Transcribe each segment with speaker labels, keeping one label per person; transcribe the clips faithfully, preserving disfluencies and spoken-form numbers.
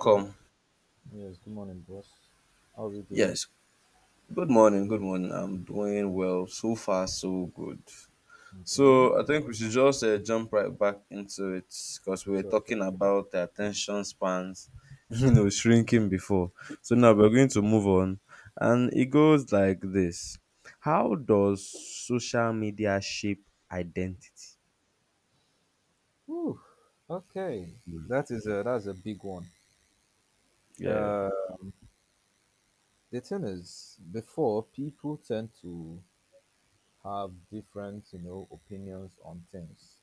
Speaker 1: Good, yes, good morning, boss. How are we doing?
Speaker 2: Yes. Good morning. Good morning. I'm doing well. So far, so good.
Speaker 1: Okay,
Speaker 2: So I think we should just uh, jump right back into it because we were
Speaker 1: sure, sure,
Speaker 2: talking
Speaker 1: sure.
Speaker 2: about the attention spans, you know, shrinking before. So now we're going to move on, and it goes like this: How does social media shape identity?
Speaker 1: Whew. Okay, that is a that's a big one.
Speaker 2: Yeah.
Speaker 1: Uh, the thing is, before people tend to have different, you know, opinions on things,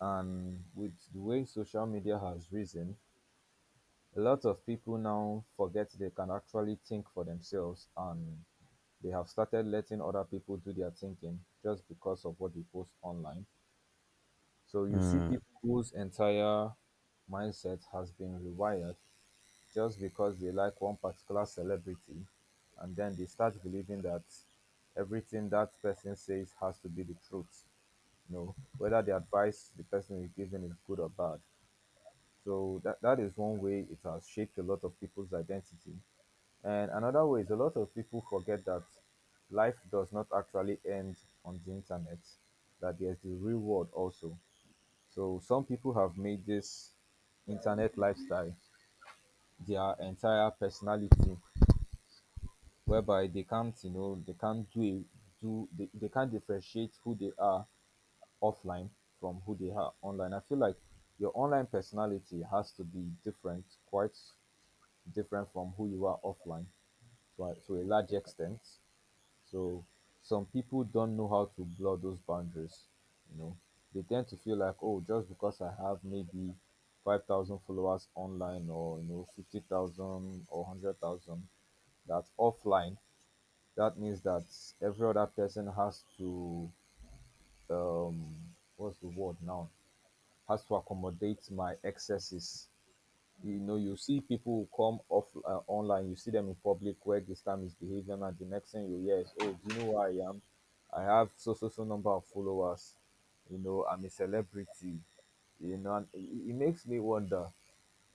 Speaker 1: and with the way social media has risen, a lot of people now forget they can actually think for themselves, and they have started letting other people do their thinking just because of what they post online. So you see
Speaker 2: Mm.
Speaker 1: people whose entire mindset has been rewired just because they like one particular celebrity, and then they start believing that everything that person says has to be the truth, you know, whether the advice the person is giving is good or bad. So that, that is one way it has shaped a lot of people's identity. And another way is a lot of people forget that life does not actually end on the internet, that there's the real world also. So some people have made this internet lifestyle their entire personality, whereby they can't, you know, they can't do a, do they, they can't differentiate who they are offline from who they are online. I feel like your online personality has to be different, quite different from who you are offline to a, to a large extent. So some people don't know how to blur those boundaries. You know, they tend to feel like, oh, just because I have maybe five thousand followers online, or you know, fifty thousand or hundred thousand, that's offline. That means that every other person has to, um, what's the word now? Has to accommodate my excesses. You know, you see people who come off uh, online, you see them in public where they start misbehaving, and the next thing you hear is, oh, do you know who I am? I have so so so number of followers, you know, I'm a celebrity, you know. And it, it makes me wonder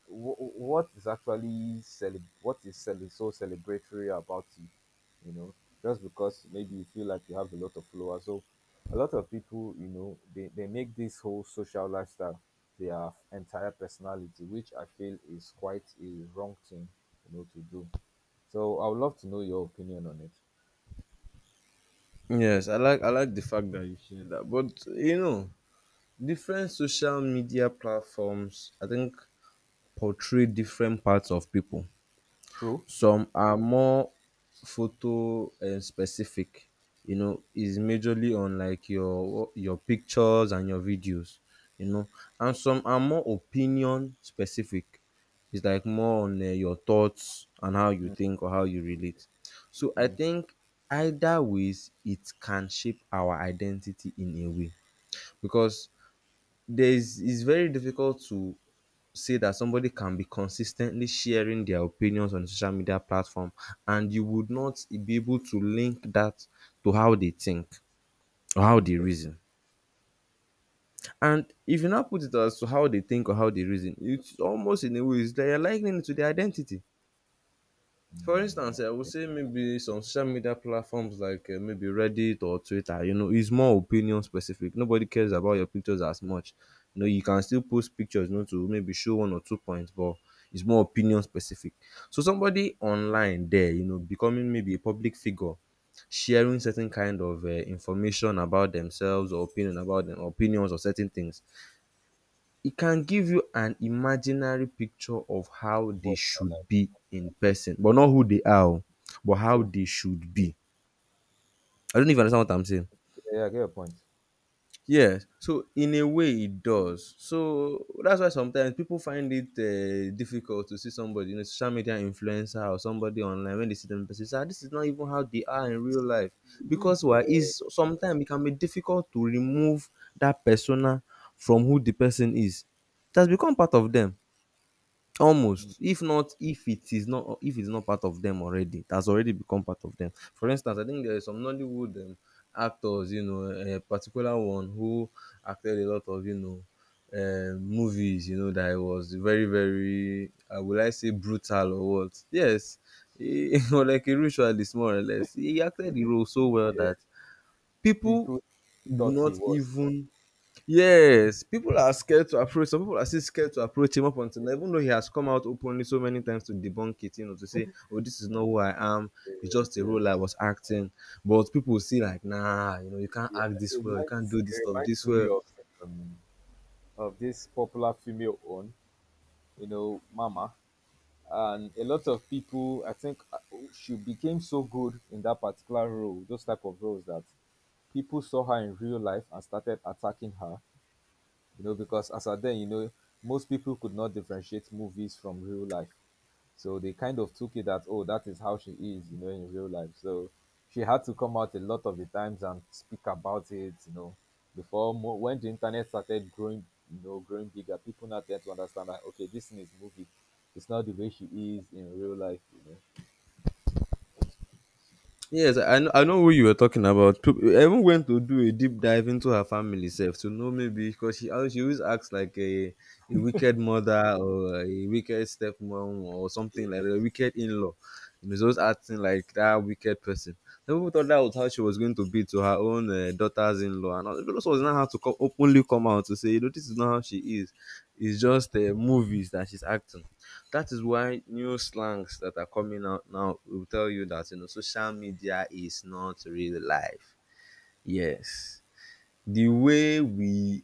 Speaker 1: wh- what is actually cele- what is cele- so celebratory about it. You know, just because maybe you feel like you have a lot of followers, so a lot of people, you know, they, they make this whole social lifestyle their entire personality, which I feel is quite a wrong thing, you know, to do. So I would love to know your opinion on it.
Speaker 2: Yes, I like I like the fact that you shared that. But you know, different social media platforms, I think portray different parts of people.
Speaker 1: True.
Speaker 2: Some are more photo um, specific, you know, is majorly on like your your pictures and your videos, you know, and some are more opinion specific. It's like more on uh, your thoughts and how you
Speaker 1: Mm.
Speaker 2: think or how you relate. So I
Speaker 1: Mm.
Speaker 2: think either ways it can shape our identity in a way because there's it's very difficult to say that somebody can be consistently sharing their opinions on a social media platform and you would not be able to link that to how they think or how they
Speaker 1: Okay.
Speaker 2: reason. And if you now put it as to how they think or how they reason, it's almost in a way it's like you're likening it to their identity. For
Speaker 1: Mm,
Speaker 2: instance,
Speaker 1: yeah.
Speaker 2: eh, I would
Speaker 1: Yeah.
Speaker 2: say maybe some social media platforms like uh, maybe Reddit or Twitter, you know, is more opinion specific. Nobody cares about your
Speaker 1: Yeah.
Speaker 2: pictures as much. You know, you can still post pictures, you know, to maybe show one or two points, but it's more opinion specific. So somebody online there, you know, becoming maybe a public figure, sharing certain kind of uh, information about themselves or opinion about them, opinions or certain things, it can give you an imaginary picture of how they
Speaker 1: But, uh, like,
Speaker 2: should be in person, but not who they are, oh, but how
Speaker 1: true.
Speaker 2: they should be. I don't even understand what I'm saying.
Speaker 1: Yeah, yeah, I get your point.
Speaker 2: Yes, so in a way it does. So that's why sometimes people find it uh, difficult to see somebody, you know, social media influencer or somebody online when they see them in person. Say, "Ah, this is not even how they are in real life." Because
Speaker 1: Yeah,
Speaker 2: why is sometimes it can be difficult to remove that persona from who the person is. It has become part of them. Almost if not if it is not if it's not part of them already, it has already become part of them. For instance, I think there is some Nollywood um, actors, you know, a particular one who acted a lot of, you know, um, movies, you know, that was very very I will, i say brutal or what? Yes, he, or like a ritualist, more or less. He acted the role so well
Speaker 1: yeah,
Speaker 2: that people
Speaker 1: people
Speaker 2: do
Speaker 1: thought he
Speaker 2: not
Speaker 1: was.
Speaker 2: even — yes, people are scared to approach — some people are still scared to approach him up until now, even though he has come out openly so many times to debunk it, you know, to say, "Oh, this is not who I am, it's just
Speaker 1: Yes,
Speaker 2: a role I
Speaker 1: yes.
Speaker 2: was acting." But people will see like, nah, you know, you can't
Speaker 1: Yeah,
Speaker 2: act
Speaker 1: it
Speaker 2: this well, you can't
Speaker 1: reminds,
Speaker 2: do this
Speaker 1: it
Speaker 2: stuff
Speaker 1: reminds
Speaker 2: this
Speaker 1: me
Speaker 2: well.
Speaker 1: of um, of this popular female own, you know, Mama. And a lot of people, I think, uh, she became so good in that particular role, those type of roles, that people saw her in real life and started attacking her, you know, because as at then, you know, most people could not differentiate movies from real life. So they kind of took it that, oh, that is how she is, you know, in real life. So she had to come out a lot of the times and speak about it, you know, before mo- when the internet started growing, you know, growing bigger, people now tend to understand that, okay, this thing is movie. It's not the way she is in real life, you know.
Speaker 2: Yes, I know I know who you were talking about. Peop- I even went to do a deep dive into her family self to know maybe because she always she always acts like a, a wicked mother or a wicked stepmom or something like
Speaker 1: Yes.
Speaker 2: that, a wicked in law. He was just acting like that wicked person. Some people thought that was how she was going to be to her own uh, daughters-in-law, and all- those was not how to come, openly come out to say, you know, this is not how she is. It's just uh, movies that she's acting. That is why new slangs that are coming out now will tell you that you know social media is not real life. Yes, the way we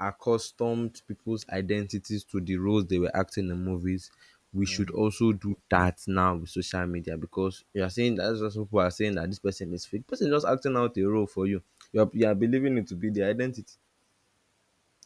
Speaker 2: accustomed people's identities to the roles they were acting in movies, we should
Speaker 1: Mm,
Speaker 2: also do that now with social media, because you are saying that — that's what people are saying — that this person is fake. Person is just acting out a role for you. You are, you are believing it to be their identity.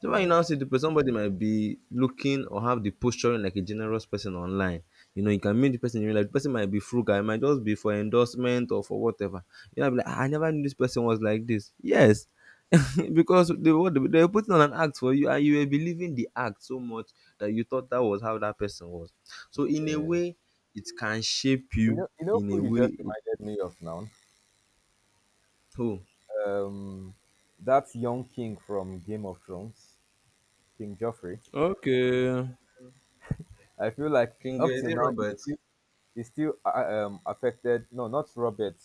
Speaker 2: So when you now
Speaker 1: yes,
Speaker 2: see the person, somebody might be looking or have the posturing like a generous person online. You know, you can meet the person in real life. The person might be frugal. It might just be for endorsement or for whatever. You know, be like, "Ah, I never knew this person was like this." Yes, because they were they were putting on an act for you, and you were believing the act so much that you thought that was how that person was. So in a
Speaker 1: yes.
Speaker 2: way, it can shape
Speaker 1: You
Speaker 2: you.
Speaker 1: know, you know
Speaker 2: In a
Speaker 1: who you just
Speaker 2: way, it,
Speaker 1: reminded me of now?
Speaker 2: oh,
Speaker 1: Um, that young king from Game of Thrones, King Joffrey.
Speaker 2: okay,
Speaker 1: I feel like
Speaker 2: King,
Speaker 1: up
Speaker 2: is
Speaker 1: till
Speaker 2: it
Speaker 1: now, it's
Speaker 2: Robert?
Speaker 1: still. Is still uh, um, affected. No, not Robert,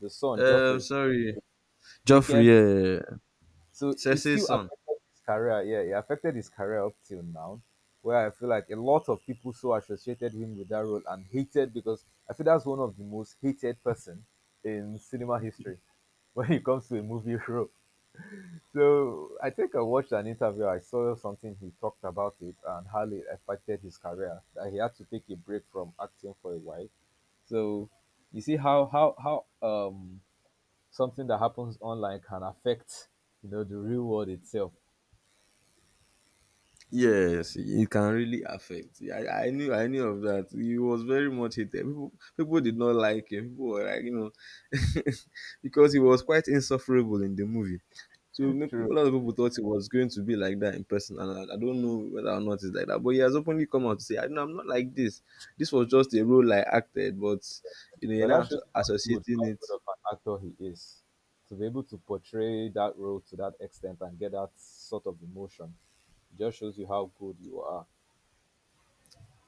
Speaker 1: the son,
Speaker 2: Um,
Speaker 1: Joffrey.
Speaker 2: sorry, Joffrey.
Speaker 1: Wicked.
Speaker 2: Yeah. yeah, yeah.
Speaker 1: So it still
Speaker 2: Cesse's son.
Speaker 1: affected his career. Yeah, it affected his career up till now, where I feel like a lot of people so associated him with that role and hated because I feel that's one of the most hated person in cinema history when it comes to a movie role. So I think I watched an interview. I saw something he talked about it and how it affected his career. That he had to take a break from acting for a while. So you see how how how um something that happens online can affect, you know, the real world itself.
Speaker 2: Yes, it can really affect. I, I knew I knew of that. He was very much hated. People people did not like him. People were like, you know, because he was quite insufferable in the movie. So m- a
Speaker 1: True.
Speaker 2: lot of people thought he was going to be like that in person, and I, I don't know whether or not it's like that. But he has openly come out to say, "I know I'm not like this. This was just a role I acted, but you know, you're
Speaker 1: But
Speaker 2: now
Speaker 1: that
Speaker 2: asso-
Speaker 1: shows how good,
Speaker 2: associating
Speaker 1: how good
Speaker 2: it."
Speaker 1: of an actor he is to be able to portray that role to that extent and get that sort of emotion. Just shows you how good you are.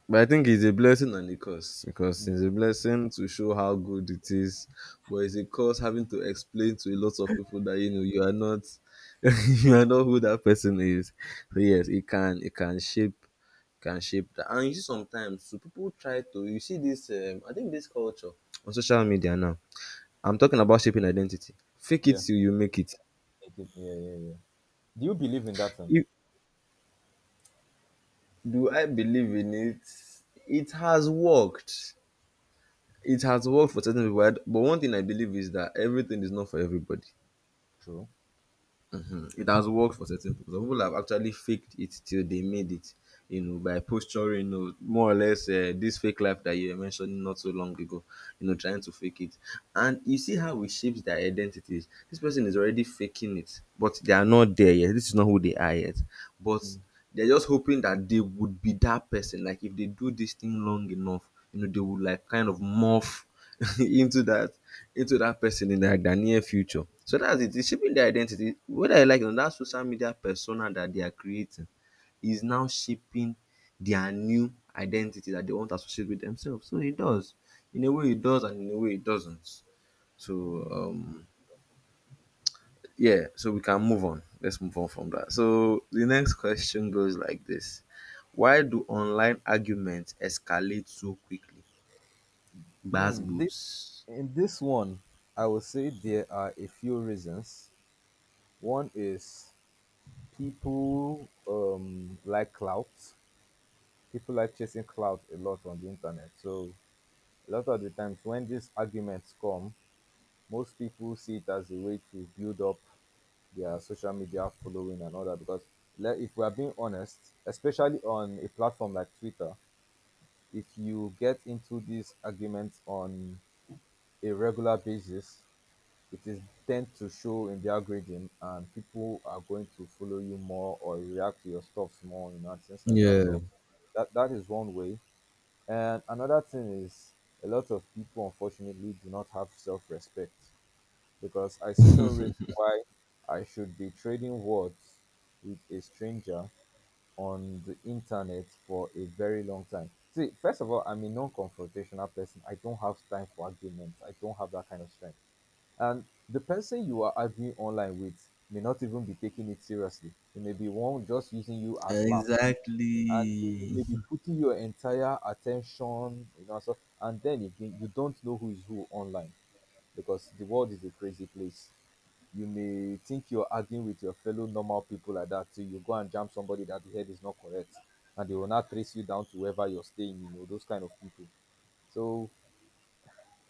Speaker 2: But I think it's a blessing and a curse because
Speaker 1: Mm.
Speaker 2: it's a blessing to show how good it is, but it's a curse having to explain to a lot of people that you know you are not you are not who that person is. So yes, it can it can shape — can shape that. And you see sometimes so people try to — you see this um, I think this culture on social media now. I'm talking about shaping identity. Fake it
Speaker 1: Yeah,
Speaker 2: till you make it.
Speaker 1: make it- yeah, yeah, yeah. Do you believe in that? Thing?
Speaker 2: If, do I believe in it? It has worked It has worked for certain people, I d- but one thing I believe is that everything is not for everybody.
Speaker 1: True.
Speaker 2: Mm, it has worked for certain people. Some people have actually faked it till they made it, you know, by posturing, you know, more or less uh, this fake life that you were mentioning not so long ago, you know, trying to fake it. And you see how it shapes their identities. This person is already faking it, but they are not there yet. This is not who they are yet. But
Speaker 1: Mm.
Speaker 2: they're just hoping that they would be that person. Like if they do this thing long enough, you know, they would like kind of morph into that into that person in the, like, the near future. So that's it. It's shaping their identity. Whether I like it or not, that social media persona that they are creating is now shaping their new identity that they want to associate with themselves. So it does. In a way it does and in a way it doesn't. So um yeah, so we can move on. Let's move on from that. So the next question goes like this. Why do online arguments escalate so quickly? Bass
Speaker 1: Hmm. This,
Speaker 2: boost.
Speaker 1: in this one, I would say there are a few reasons. One is people um like clout, people like chasing clout a lot on the internet. So a lot of the times when these arguments come, most people see it as a way to build up their social media following and all that, because le- if we are being honest, especially on a platform like Twitter, if you get into these arguments on a regular basis, it is tend to show in the algorithm, and people are going to follow you more or react to your stuff more, you know, and things like that. So that, that is one way. And another thing is a lot of people unfortunately do not have self-respect, because I see no reason why I should be trading words with a stranger on the internet for a very long time. See, first of all, I'm a non-confrontational person. I don't have time for arguments. I don't have that kind of strength. And the person you are arguing online with may not even be taking it seriously. It may be one just using you as laughs. And you
Speaker 2: Exactly.
Speaker 1: may be putting your entire attention, you know. So, and then again, you don't know who is who online, because the world is a crazy place. You may think you're arguing with your fellow normal people like that till you go and jam somebody that the head is not correct, and they will not trace you down to wherever you're staying, you know, those kind of people. So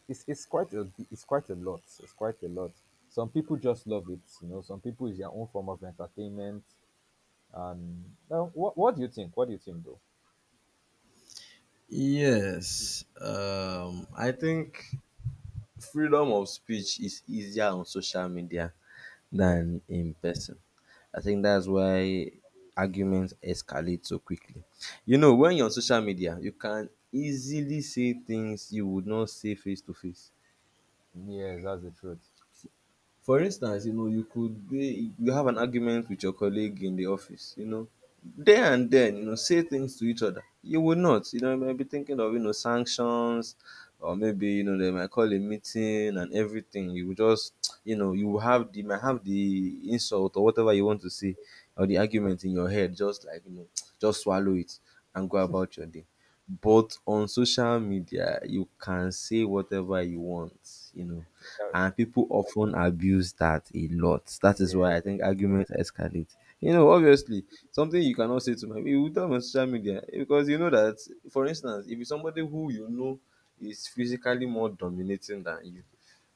Speaker 1: it's it's quite a it's quite a lot. It's quite a lot. Some people just love it, you know. Some people is their own form of entertainment. And now, what what do you think? What do you think, though?
Speaker 2: Yes. Um, I think freedom of speech is easier on social media
Speaker 1: Yeah,
Speaker 2: than in person. I think that's why arguments escalate so quickly. You know, when you're on social media, you can easily say things you would not say face to face.
Speaker 1: yes, that's the truth.
Speaker 2: For instance, you know, you could be you have an argument with your colleague in the office, you know, there and then, you know, say things to each other. You will not, you know, you might be thinking of, you know, sanctions or maybe, you know, they might call a meeting and everything. You will just, you know, you will have the you might have the insult or whatever you want to say or the argument in your head, just like, you know, just swallow it and go about your day. But on social media, you can say whatever you want, you know,
Speaker 1: Uh,
Speaker 2: and people often abuse that a lot. That is
Speaker 1: yeah,
Speaker 2: why I think arguments escalate. You know, obviously, something you cannot say to my — you will tell on social media because you know that, for instance, if it's somebody who you know is physically more dominating than you,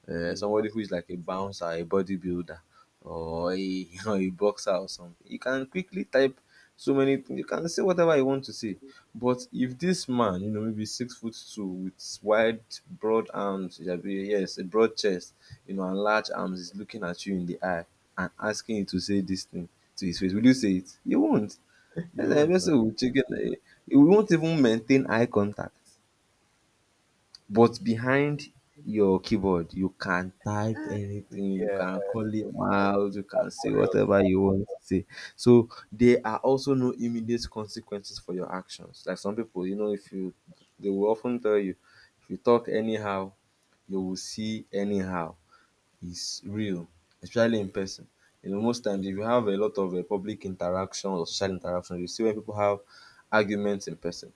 Speaker 2: uh,
Speaker 1: you will not,
Speaker 2: somebody who is like a bouncer, a bodybuilder, or a, or a boxer or something. You can quickly type so many things. You can say whatever you want to say. But if this man, you know, maybe six foot two with wide, broad arms, that be yes, a broad chest, you know, and large arms is looking at you in the eye and asking you to say this thing to his face, will you say it? You won't. And
Speaker 1: you
Speaker 2: the
Speaker 1: won't, no.
Speaker 2: person who will check it. eh, You won't even maintain eye contact. But behind your keyboard, you can type anything, you
Speaker 1: Yeah,
Speaker 2: can call him out, you can say
Speaker 1: warriors.
Speaker 2: whatever you want to say. So there are also no immediate consequences for your actions. Like some people, you know, if you they will often tell you, if you talk anyhow, you will see anyhow is real, especially in person. You know, most times if you have a lot of uh, public interaction or social interaction, you see when people have arguments in person.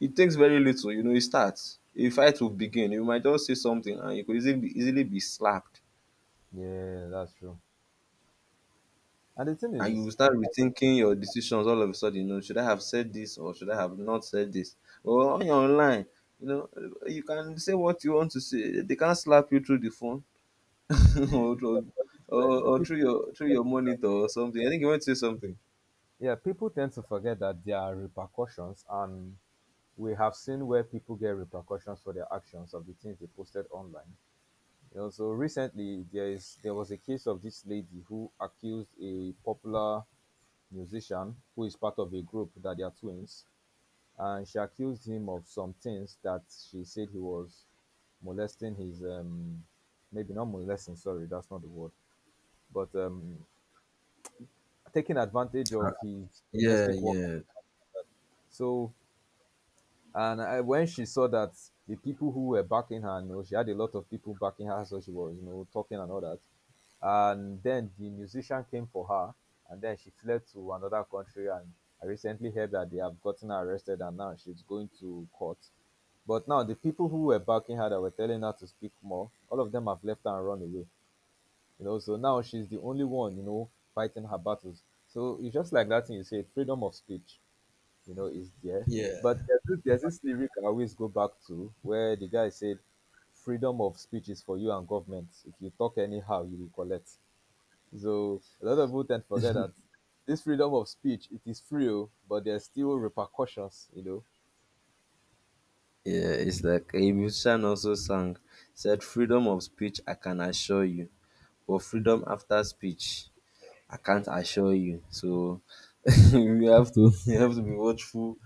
Speaker 2: It takes very little, you know, it starts. A fight will begin. You might just say something and you could easily be, easily be slapped.
Speaker 1: Yeah, that's true. And the thing
Speaker 2: And you will
Speaker 1: is,
Speaker 2: start rethinking your decisions all of a sudden. You know, should I have said this or should I have not said this? Or on your online, you know, you can say what you want to say. They can't slap you through the phone. or, or,
Speaker 1: but- but you know, eh,
Speaker 2: or or
Speaker 1: people,
Speaker 2: through your through your monitor or something. I think you want to say something.
Speaker 1: yeah, people tend to forget that there are repercussions, and we have seen where people get repercussions for their actions of the things they posted online. You know, so recently there is there was a case of this lady who accused a popular musician who is part of a group that they are twins, and she accused him of some things that she said he was molesting his um maybe not molesting, sorry, that's not the word, but um taking advantage of his
Speaker 2: Yeah,
Speaker 1: domestic work.
Speaker 2: yeah,
Speaker 1: So, and I, when she saw that, the people who were backing her, you know, she had a lot of people backing her, so she was, you know, talking and all that. And then the musician came for her, and then she fled to another country. And I recently heard that they have gotten her arrested, and now she's going to court. But now the people who were backing her that were telling her to speak more, all of them have left her and run away. You know, so now she's the only one, you know, fighting her battles. So it's just like that thing you say, freedom of speech, you know, is there.
Speaker 2: yeah.
Speaker 1: But there's this, there's this lyric I always go back to where the guy said, "Freedom of speech is for you and government. If you talk anyhow, you will collect." So a lot of people tend to forget that this freedom of speech, it is free, oh, but there's still repercussions. You know,
Speaker 2: Yeah, it's like a musician also sang, said, "Freedom of speech, I can assure you, but freedom after speech, I can't assure you." So we have to we have to be watchful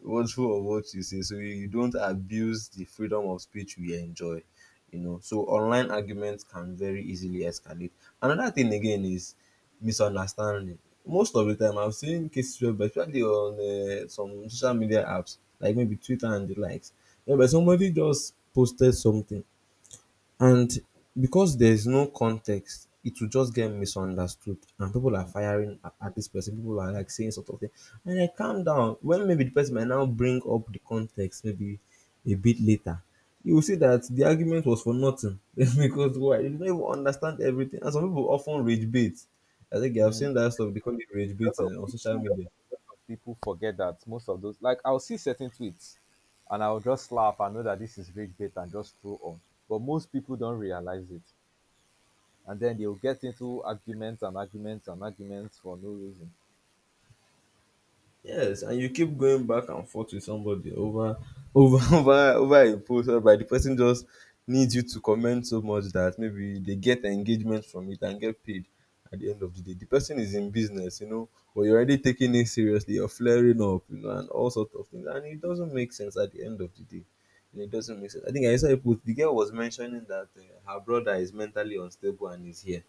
Speaker 2: watchful of what you say so you don't abuse the freedom of speech we enjoy. You know, so online arguments can very easily escalate. Another thing again is misunderstanding. Most of the time I've seen cases where, especially on uh, some social media apps like maybe Twitter and the likes, where somebody just posted something, and because there's no context, it will just get misunderstood, and people are firing a- at this person. People are like saying sort of thing, and I calm down. When maybe the person might now bring up the context, maybe a bit later, you will see that the argument was for nothing, because why? You don't even understand everything. And some people often rage bait. I think I've
Speaker 1: mm.
Speaker 2: seen that stuff. They call it rage
Speaker 1: a lot
Speaker 2: baiting
Speaker 1: of
Speaker 2: on social
Speaker 1: people
Speaker 2: media.
Speaker 1: a lot of people forget that most of those, like I'll see certain tweets and I'll just laugh and know that this is clickbait and just scroll on. But most people don't realize it, and then they'll get into arguments and arguments and arguments for no reason.
Speaker 2: Yes, and you keep going back and forth with somebody over over over over a post whereby the person just needs you to comment so much that maybe they get engagement from it and get paid at the end of the day. The person is in business, you know, but you're already taking it seriously, you're flaring up, you know, and all sorts of things. And it doesn't make sense at the end of the day. And it doesn't make sense. I think I saw a post the girl was mentioning that uh, her brother is mentally unstable and is here.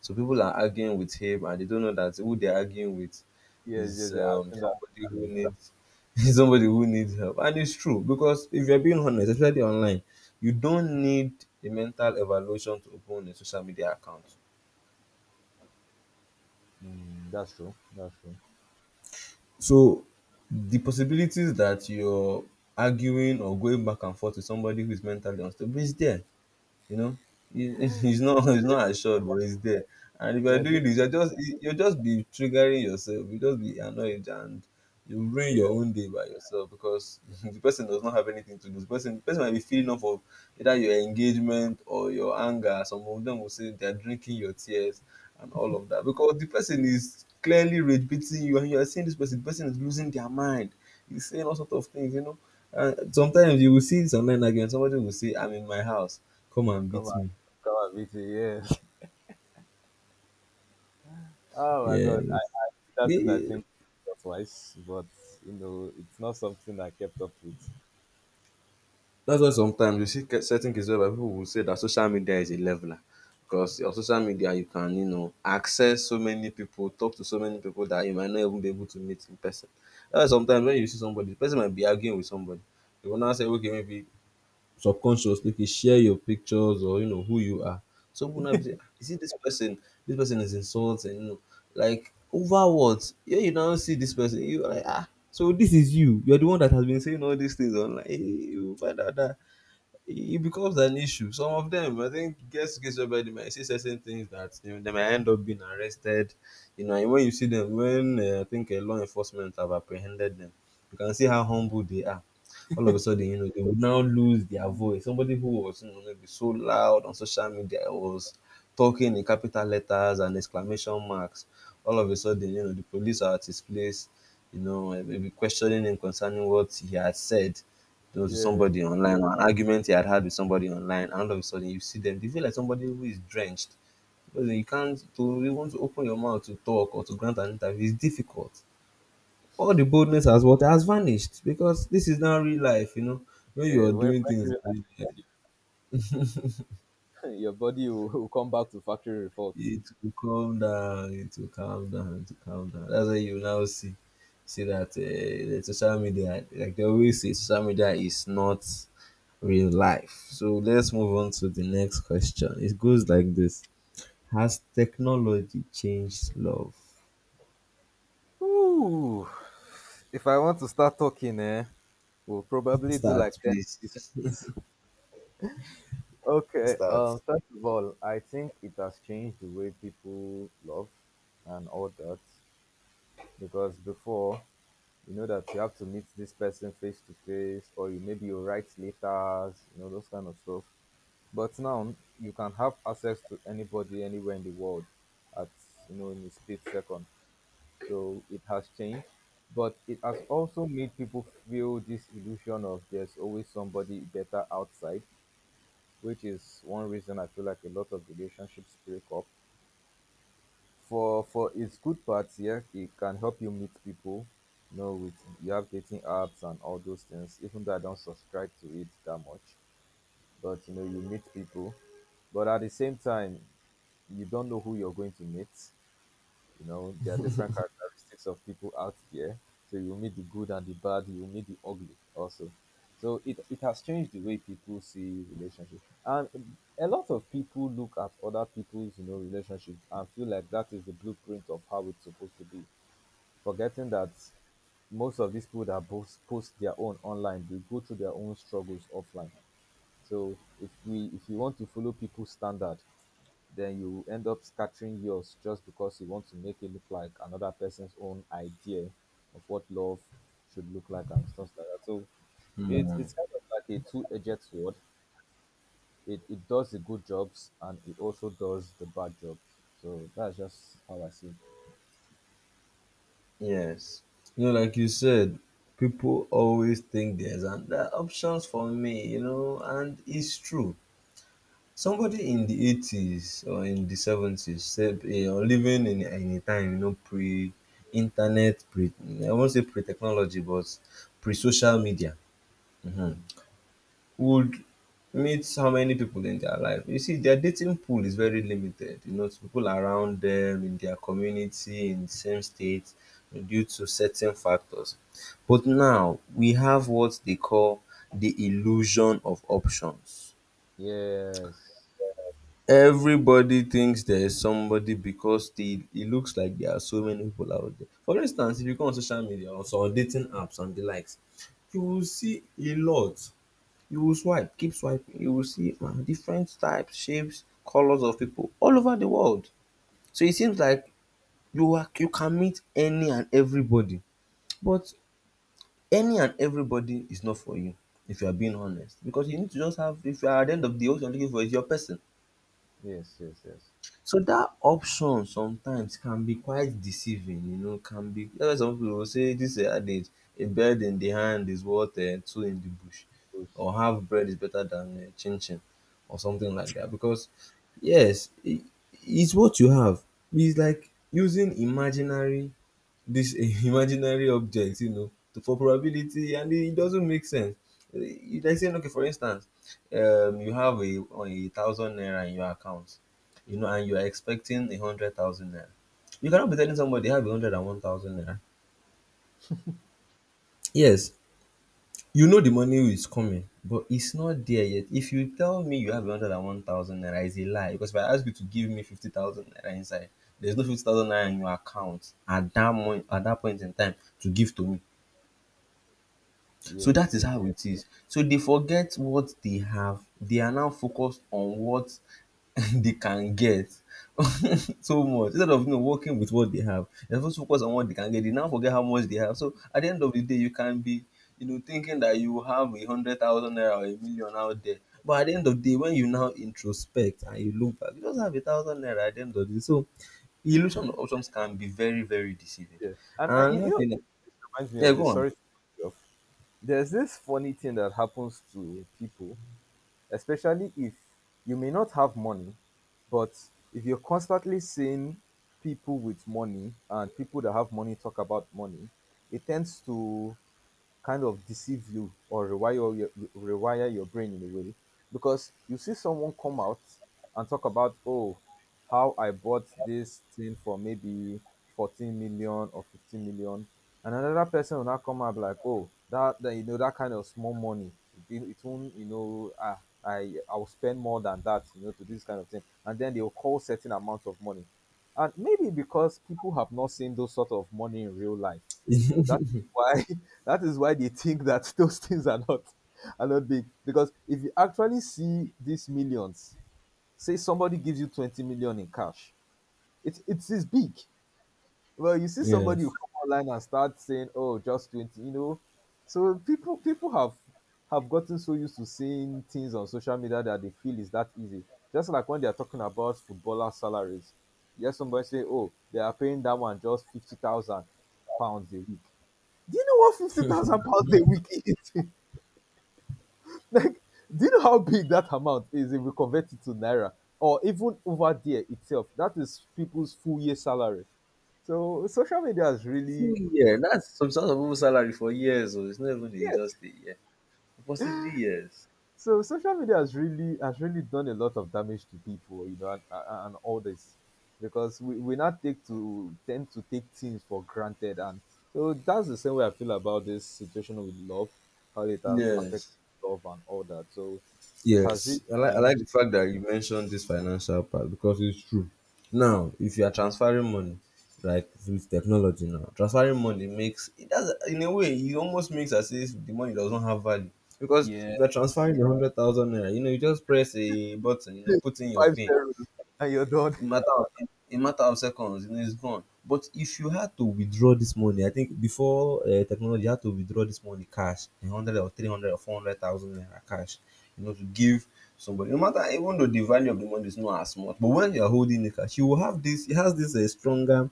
Speaker 2: So people are arguing with him, and they don't know that who they're arguing with
Speaker 1: Yes,
Speaker 2: is
Speaker 1: yes, yes. I've
Speaker 2: um,
Speaker 1: seen that
Speaker 2: somebody
Speaker 1: too
Speaker 2: who
Speaker 1: before.
Speaker 2: needs is somebody who needs help. And it's true because if you're being honest, especially online, you don't need a mental evaluation to open a social media account.
Speaker 1: Mm, that's true. That's true.
Speaker 2: So the possibilities that you're arguing or going back and forth with somebody who is mentally unstable is there. You know, it, it's not it's not assured but it's there. And if you're
Speaker 1: There's
Speaker 2: doing
Speaker 1: this,
Speaker 2: this, you're just you'll just be triggering yourself, you just be annoyed, and you ruin
Speaker 1: yeah.
Speaker 2: your own day by yourself because the person does not have anything to do. The person the person might be feeling off of either your engagement or your anger. Some of them will say they're drinking your tears and all of that, because the person is clearly rage beating you, and you are seeing this person, the person is losing their mind, he's saying all sorts of things, you know. And sometimes you will see this online argument, somebody will say, "I'm in my house, come and
Speaker 1: Come
Speaker 2: beat
Speaker 1: on,
Speaker 2: me."
Speaker 1: come on, B T. Yes. Oh my
Speaker 2: Yes.
Speaker 1: God, I did that
Speaker 2: Yeah,
Speaker 1: thing. I
Speaker 2: yeah.
Speaker 1: think or twice, but you know, it's not something I kept up with.
Speaker 2: That's why sometimes you see ca- certain cases where people will say that social media is a leveler. Because on social media, you can, you know, access so many people, talk to so many people that you might not even be able to meet in person. That's why sometimes when you see somebody, the person might be arguing with somebody. You will now say, okay, maybe subconsciously, okay, share your pictures or you know who you are. Some people now be say, "Ah, you see this person, this person is insulting, you know, like over what?" Yeah, you now see this person, you are like, ah. So this is you. You are the one that has been saying all these things online. Hey, you find out that it becomes an issue. Some of them, I think, gets to case whereby they might say certain things that, you know, they might end up being arrested. You know, and when you see them, when uh, I think uh, law enforcement have apprehended them, you can see how humble they are. All of a sudden, you know, they would now lose their voice. Somebody who was, you know, maybe so loud on social media was talking in capital letters and exclamation marks. All of a sudden, you know, the police are at his place, you know, and maybe questioning him concerning what he had said, you know, to
Speaker 1: Yeah,
Speaker 2: somebody online, or an argument he had had with somebody online, and all of a sudden you see them, they feel like somebody who is drenched. Because you can't to you want to open your mouth to talk or to grant an interview is difficult. All the boldness has what has vanished because this is now real life, you know. When you
Speaker 1: yeah.
Speaker 2: are
Speaker 1: When, when
Speaker 2: doing
Speaker 1: you
Speaker 2: things,
Speaker 1: realize you, your body will, will come back to factory report.
Speaker 2: it will calm down. It will calm down. It will calm down. That's why you now see see that uh, the social media, like they always say, social media is not real life. So let's move on to the next question. It goes like this: has technology changed love?
Speaker 1: Ooh. If I want to start talking, eh, we'll probably do like
Speaker 2: Start,
Speaker 1: ten
Speaker 2: please.
Speaker 1: episodes. Okay,
Speaker 2: Start.
Speaker 1: uh, first of all, I think it has changed the way people love and all that, because before, you know that you have to meet this person face to face, or you maybe you write letters, you know those kind of stuff. But now you can have access to anybody anywhere in the world at you know in a split second. So it has changed, but it has also made people feel this illusion of there's always somebody better outside, which is one reason I feel like a lot of relationships break up. For for its good parts, yeah, it can help you meet people. You know, with you have dating apps and all those things. Even though I don't subscribe to it that much, but you know, you meet people. But at the same time, you don't know who you're going to meet. You know, there are different characteristics of people out there. So you will meet the good and the bad, you will meet the ugly also. So it, it has changed the way people see relationships. And a lot of people look at other people's, you know, relationships and feel like that is the blueprint of how it's supposed to be. Forgetting that most of these people that both post their own online, they go through their own struggles offline. So if we if you want to follow people's standard, then you end up scattering yours just because you want to make it look like another person's own idea of what love should look like and stuff like that. So it,
Speaker 2: Hmm.
Speaker 1: it's kind of like a two edged sword. It, it does the good jobs and it also does the bad job. So that's just how I see it.
Speaker 2: Yes. You know, like you said, people always think there's an, there are options for me, you know, and it's true. Somebody in the eighties or in the seventies said, eh, or living in any time, you know, pre internet, pre, I won't say pre technology, but pre social media, hmm,
Speaker 1: Mm.
Speaker 2: would meet how many people in their life. You see, their dating pool is very limited, you know, to people around them, in their community, in the same state, due to certain factors. But now we have what they call the illusion of options.
Speaker 1: Yes,
Speaker 2: Everybody thinks there is somebody because they it looks like there are so many people out there. For instance, if you go on social media or some dating apps and the likes, you will see a lot. You will swipe, keep swiping, you will see um different types, shapes, colours of people all over the world. So it seems like you are you can meet any and everybody, but any and everybody is not for you if you are being honest, because you need to just have if you are at the end of the day what you are looking for is your person.
Speaker 1: yes, yes, yes.
Speaker 2: So that option sometimes can be quite deceiving, you know, can be. That's why some people will say this uh, adage, a bird in the hand is worth uh, two in the bush, or
Speaker 1: Push.
Speaker 2: half bread is better than uh, chin chin, or something like that. Because yes, I it's what you have. It's like using imaginary this imaginary object, you know, to, for probability, and it doesn't make sense. You like saying, okay, for instance, um, you have a, a thousand naira in your account, you know, and you are expecting a hundred thousand naira. You cannot be telling somebody they have a hundred and one thousand naira. Yes, you know the money is coming, but it's not there yet. If you tell me you have a hundred and one thousand naira, it's a lie. Because if I ask you to give me fifty thousand naira inside, there's no fifty thousand naira in your account at that point at that point in time to give to me. So
Speaker 1: Yes,
Speaker 2: that is
Speaker 1: yes.
Speaker 2: how it is. So they forget what they have. They are now focused on what they can get so much. Instead of, you know, working with what they have, they're supposed to focus on what they can get. They now forget how much they have. So at the end of the day, you can be, you know, thinking that you have a hundred thousand naira or a million out there. But at the end of the day, when you now introspect and you look back, you just have a thousand naira at the end of the day. So the illusion of options can be very, very deceiving.
Speaker 1: Yeah. And uh,
Speaker 2: And
Speaker 1: you, you
Speaker 2: another
Speaker 1: know,
Speaker 2: thing,
Speaker 1: it reminds me
Speaker 2: yeah,
Speaker 1: of
Speaker 2: go
Speaker 1: this.
Speaker 2: on.
Speaker 1: Sorry to cut you off. There's this funny thing that happens to people, especially if you may not have money, but if you're constantly seeing people with money and people that have money talk about money, it tends to kind of deceive you or rewire your, you- rewire your brain in a way because you see someone come out and talk about, oh, how I bought this thing for maybe fourteen million or fifteen million, and another person will now come out like, oh, that, that you know that kind of small money, it, didn't- it won't, you know ah, i i will spend more than that, you know to this kind of thing, and then they will call certain amount of money. And maybe because people have not seen those sort of money in real life, that is why that is why they think that those things are not are not big. Because if you actually see these millions, say somebody gives you twenty million in cash, it it is big. Well, you see somebody
Speaker 2: Yes.
Speaker 1: who come online and start saying, "Oh, just twenty," you know. So people people have have gotten so used to seeing things on social media that they feel is that easy. Just like when they are talking about footballer salaries. Yes, somebody say, "Oh, they are paying that one just fifty thousand pounds a week." Do you know what fifty thousand pounds a week is? Like, do you know how big that amount is if we convert it to naira or even over there itself? That is people's full year salary. So social media has
Speaker 2: Full
Speaker 1: really
Speaker 2: year. That's some sort of people salary for years. Oh, it's not even a,
Speaker 1: Yes.
Speaker 2: just a year. Possibly years.
Speaker 1: So social media has really has really done a lot of damage to people, you know, and, and and all this because we we not take to tend to take things for granted, and so that's the same way I feel about this situation with love, how it has affected
Speaker 2: Yes,
Speaker 1: love and all that. So it has
Speaker 2: yes.
Speaker 1: really
Speaker 2: I like I like the
Speaker 1: changed.
Speaker 2: fact that you mentioned this financial part because it's true. Now, if you are transferring money, like with technology now, transferring money makes it, does in a way, it almost makes as if the money does not have value because
Speaker 1: Yeah.
Speaker 2: if you are transferring a hundred thousand naira, you know, you just press a button, you know, put in your
Speaker 1: Five
Speaker 2: pin,
Speaker 1: zeros and you're done.
Speaker 2: in matter of in matter of seconds, you know, it's gone. But if you had to withdraw this money, I think before uh, technology, you had to withdraw this money cash, a hundred or three hundred or four hundred thousand naira cash, you know, to give somebody. No matter, even though the value of the money is not as much, but when you are holding the cash, you will have this. It has this uh, stronger,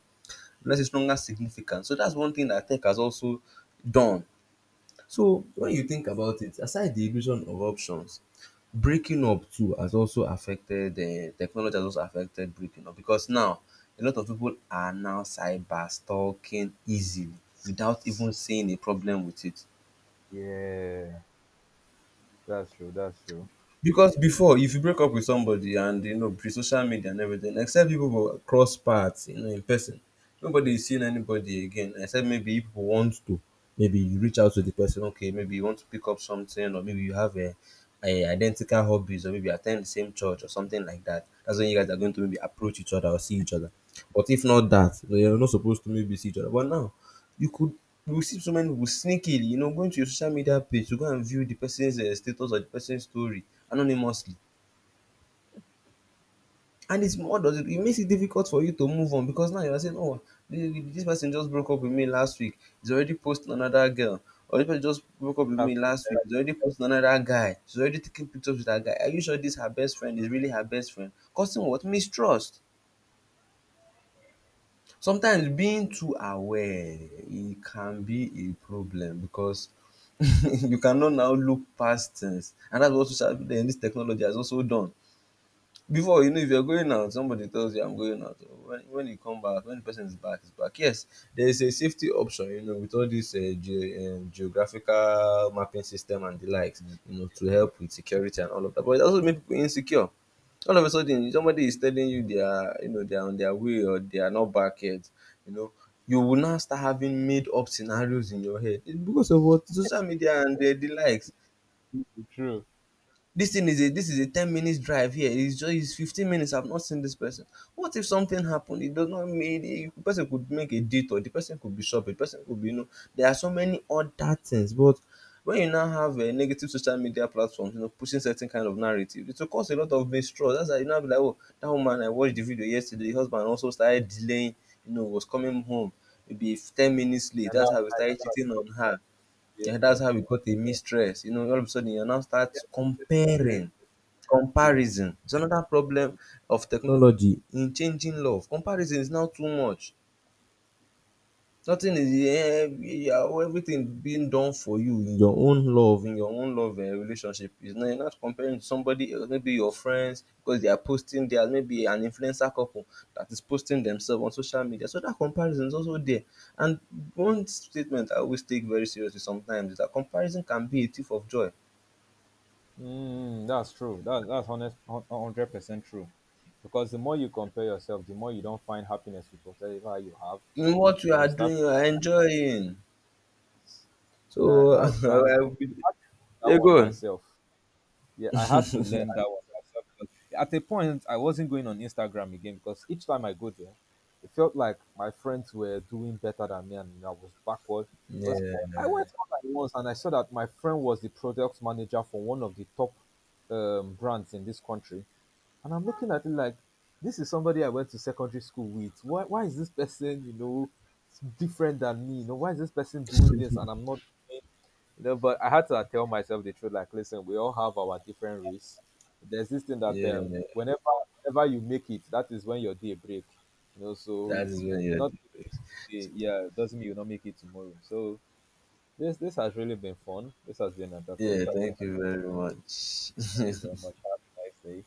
Speaker 2: let's say, stronger significance. So that's one thing that tech has also done. So when
Speaker 1: Mm,
Speaker 2: you think about it, aside the illusion of options, breaking up too has also affected, um technology has also affected breaking up because now a lot of people are now cyber stalking easily without even seeing a problem with it.
Speaker 1: yeah, that's true. That's true.
Speaker 2: Because before, if you break up with somebody, and you know pre social media and everything, except people will cross paths, you know, in person, nobody is seeing anybody again. Except maybe if people want to, maybe you reach out to the person. Okay, maybe you want to pick up something, or maybe you have a, a identical hobbies, or maybe you attend the same church or something like that. That's when you guys are going to maybe approach each other or see each other. But if not that, well, you're not supposed to maybe see each other. But now, you could you will see so many people sneakily, you know, going to your social media page to go and view the person's uh, status or the person's story anonymously. And it's, what does it, it makes it difficult for you to move on because now you are saying, oh, thi- this person just broke up with me last week. He's already posting another girl. Or this person just broke up with
Speaker 1: That's
Speaker 2: me last week. He's already posting another guy. He's already taking pictures with that guy. Are you sure this her best friend is really her best friend? Causing what? Mistrust. Sometimes being too aware, e can be a problem because you cannot now look past things, and that's what social, um this technology has also done. Before, you know, if you are going out, somebody tells you I'm going out, oh, when when you come back, when the person is back is back. Yes, there is a safety option, you know, with all this um geo, um geographical mapping system and the likes, you know, to help with security and all of that, but it also make people insecure. All of a sudden somebody is telling you they are, you know, they are on their way or they are not back yet, you know, you will now start having made up scenarios in your head. It's because of what social media and um the likes.
Speaker 1: true.
Speaker 2: This thing is a this is a ten minutes drive here, it's just, it's fifteen minutes, I've not seen this person, what if something happened? It does not mean, eh, the person could make a detour, the person could be shopping, the person could be, you know, there are so many other things. But when you now have a negative social media platforms, you know, pushing certain kind of narrative, it will cause a lot of mistrust. That's why you now be like, oh, that woman I watched the video yesterday, the husband also started delaying, you know, was coming home maybe ten minutes late,
Speaker 1: And
Speaker 2: that's
Speaker 1: that's,
Speaker 2: how we started cheating on her.
Speaker 1: yeah,
Speaker 2: Yeah,
Speaker 1: yeah.
Speaker 2: that's how we got a mistress. You know, all of a sudden you now start
Speaker 1: Yes, yes, spirit.
Speaker 2: comparing.
Speaker 1: Yeah,
Speaker 2: Comparison. It's another problem
Speaker 1: so-
Speaker 2: of technology in changing love. Comparison is now too much. Nothing is, eh, your everything being done for you in your own love in your own love um relationship is not, you're not comparing to somebody else, maybe your friends, because they are posting, they are maybe an influencer couple that is posting themselves on social media, so that comparison is also there. And one statement I always take very seriously sometimes is that comparison can be a thief of joy
Speaker 1: Mm, that's true. That, that's honest, hun- hundred percent true. Because the more you compare yourself, the more you don't find happiness with whatever you have,
Speaker 2: in what you
Speaker 1: and
Speaker 2: are
Speaker 1: you start.
Speaker 2: doing, you are enjoying. So
Speaker 1: That, that's true. And
Speaker 2: I will be-
Speaker 1: I had that
Speaker 2: yeah,
Speaker 1: one
Speaker 2: go on.
Speaker 1: myself. Yeah, I had to learn that one myself, because at a point, I wasn't going on Instagram again because each time I go there, it felt like my friends were doing better than me and I was backward. Because
Speaker 2: Yeah,
Speaker 1: I went online once and I saw that my friend was the product manager for one of the top um, brands in this country. And I'm looking at it like, this is somebody I went to secondary school with. Why, why is this person, you know, different than me? You know, why is this person doing this and I'm not, you know but I had to, like, tell myself the truth, like, listen, we all have our different risks. There's this thing that um
Speaker 2: yeah,
Speaker 1: whenever whenever you make it, that is when your day break, you know, so
Speaker 2: that
Speaker 1: you,
Speaker 2: is when you're
Speaker 1: not making
Speaker 2: depressed.
Speaker 1: it today, yeah, doesn't mean you not make it tomorrow. So this this has really been fun, this has been
Speaker 2: Yeah,
Speaker 1: entertaining.
Speaker 2: thank you very
Speaker 1: Thank you
Speaker 2: much.
Speaker 1: very much, have a nice day.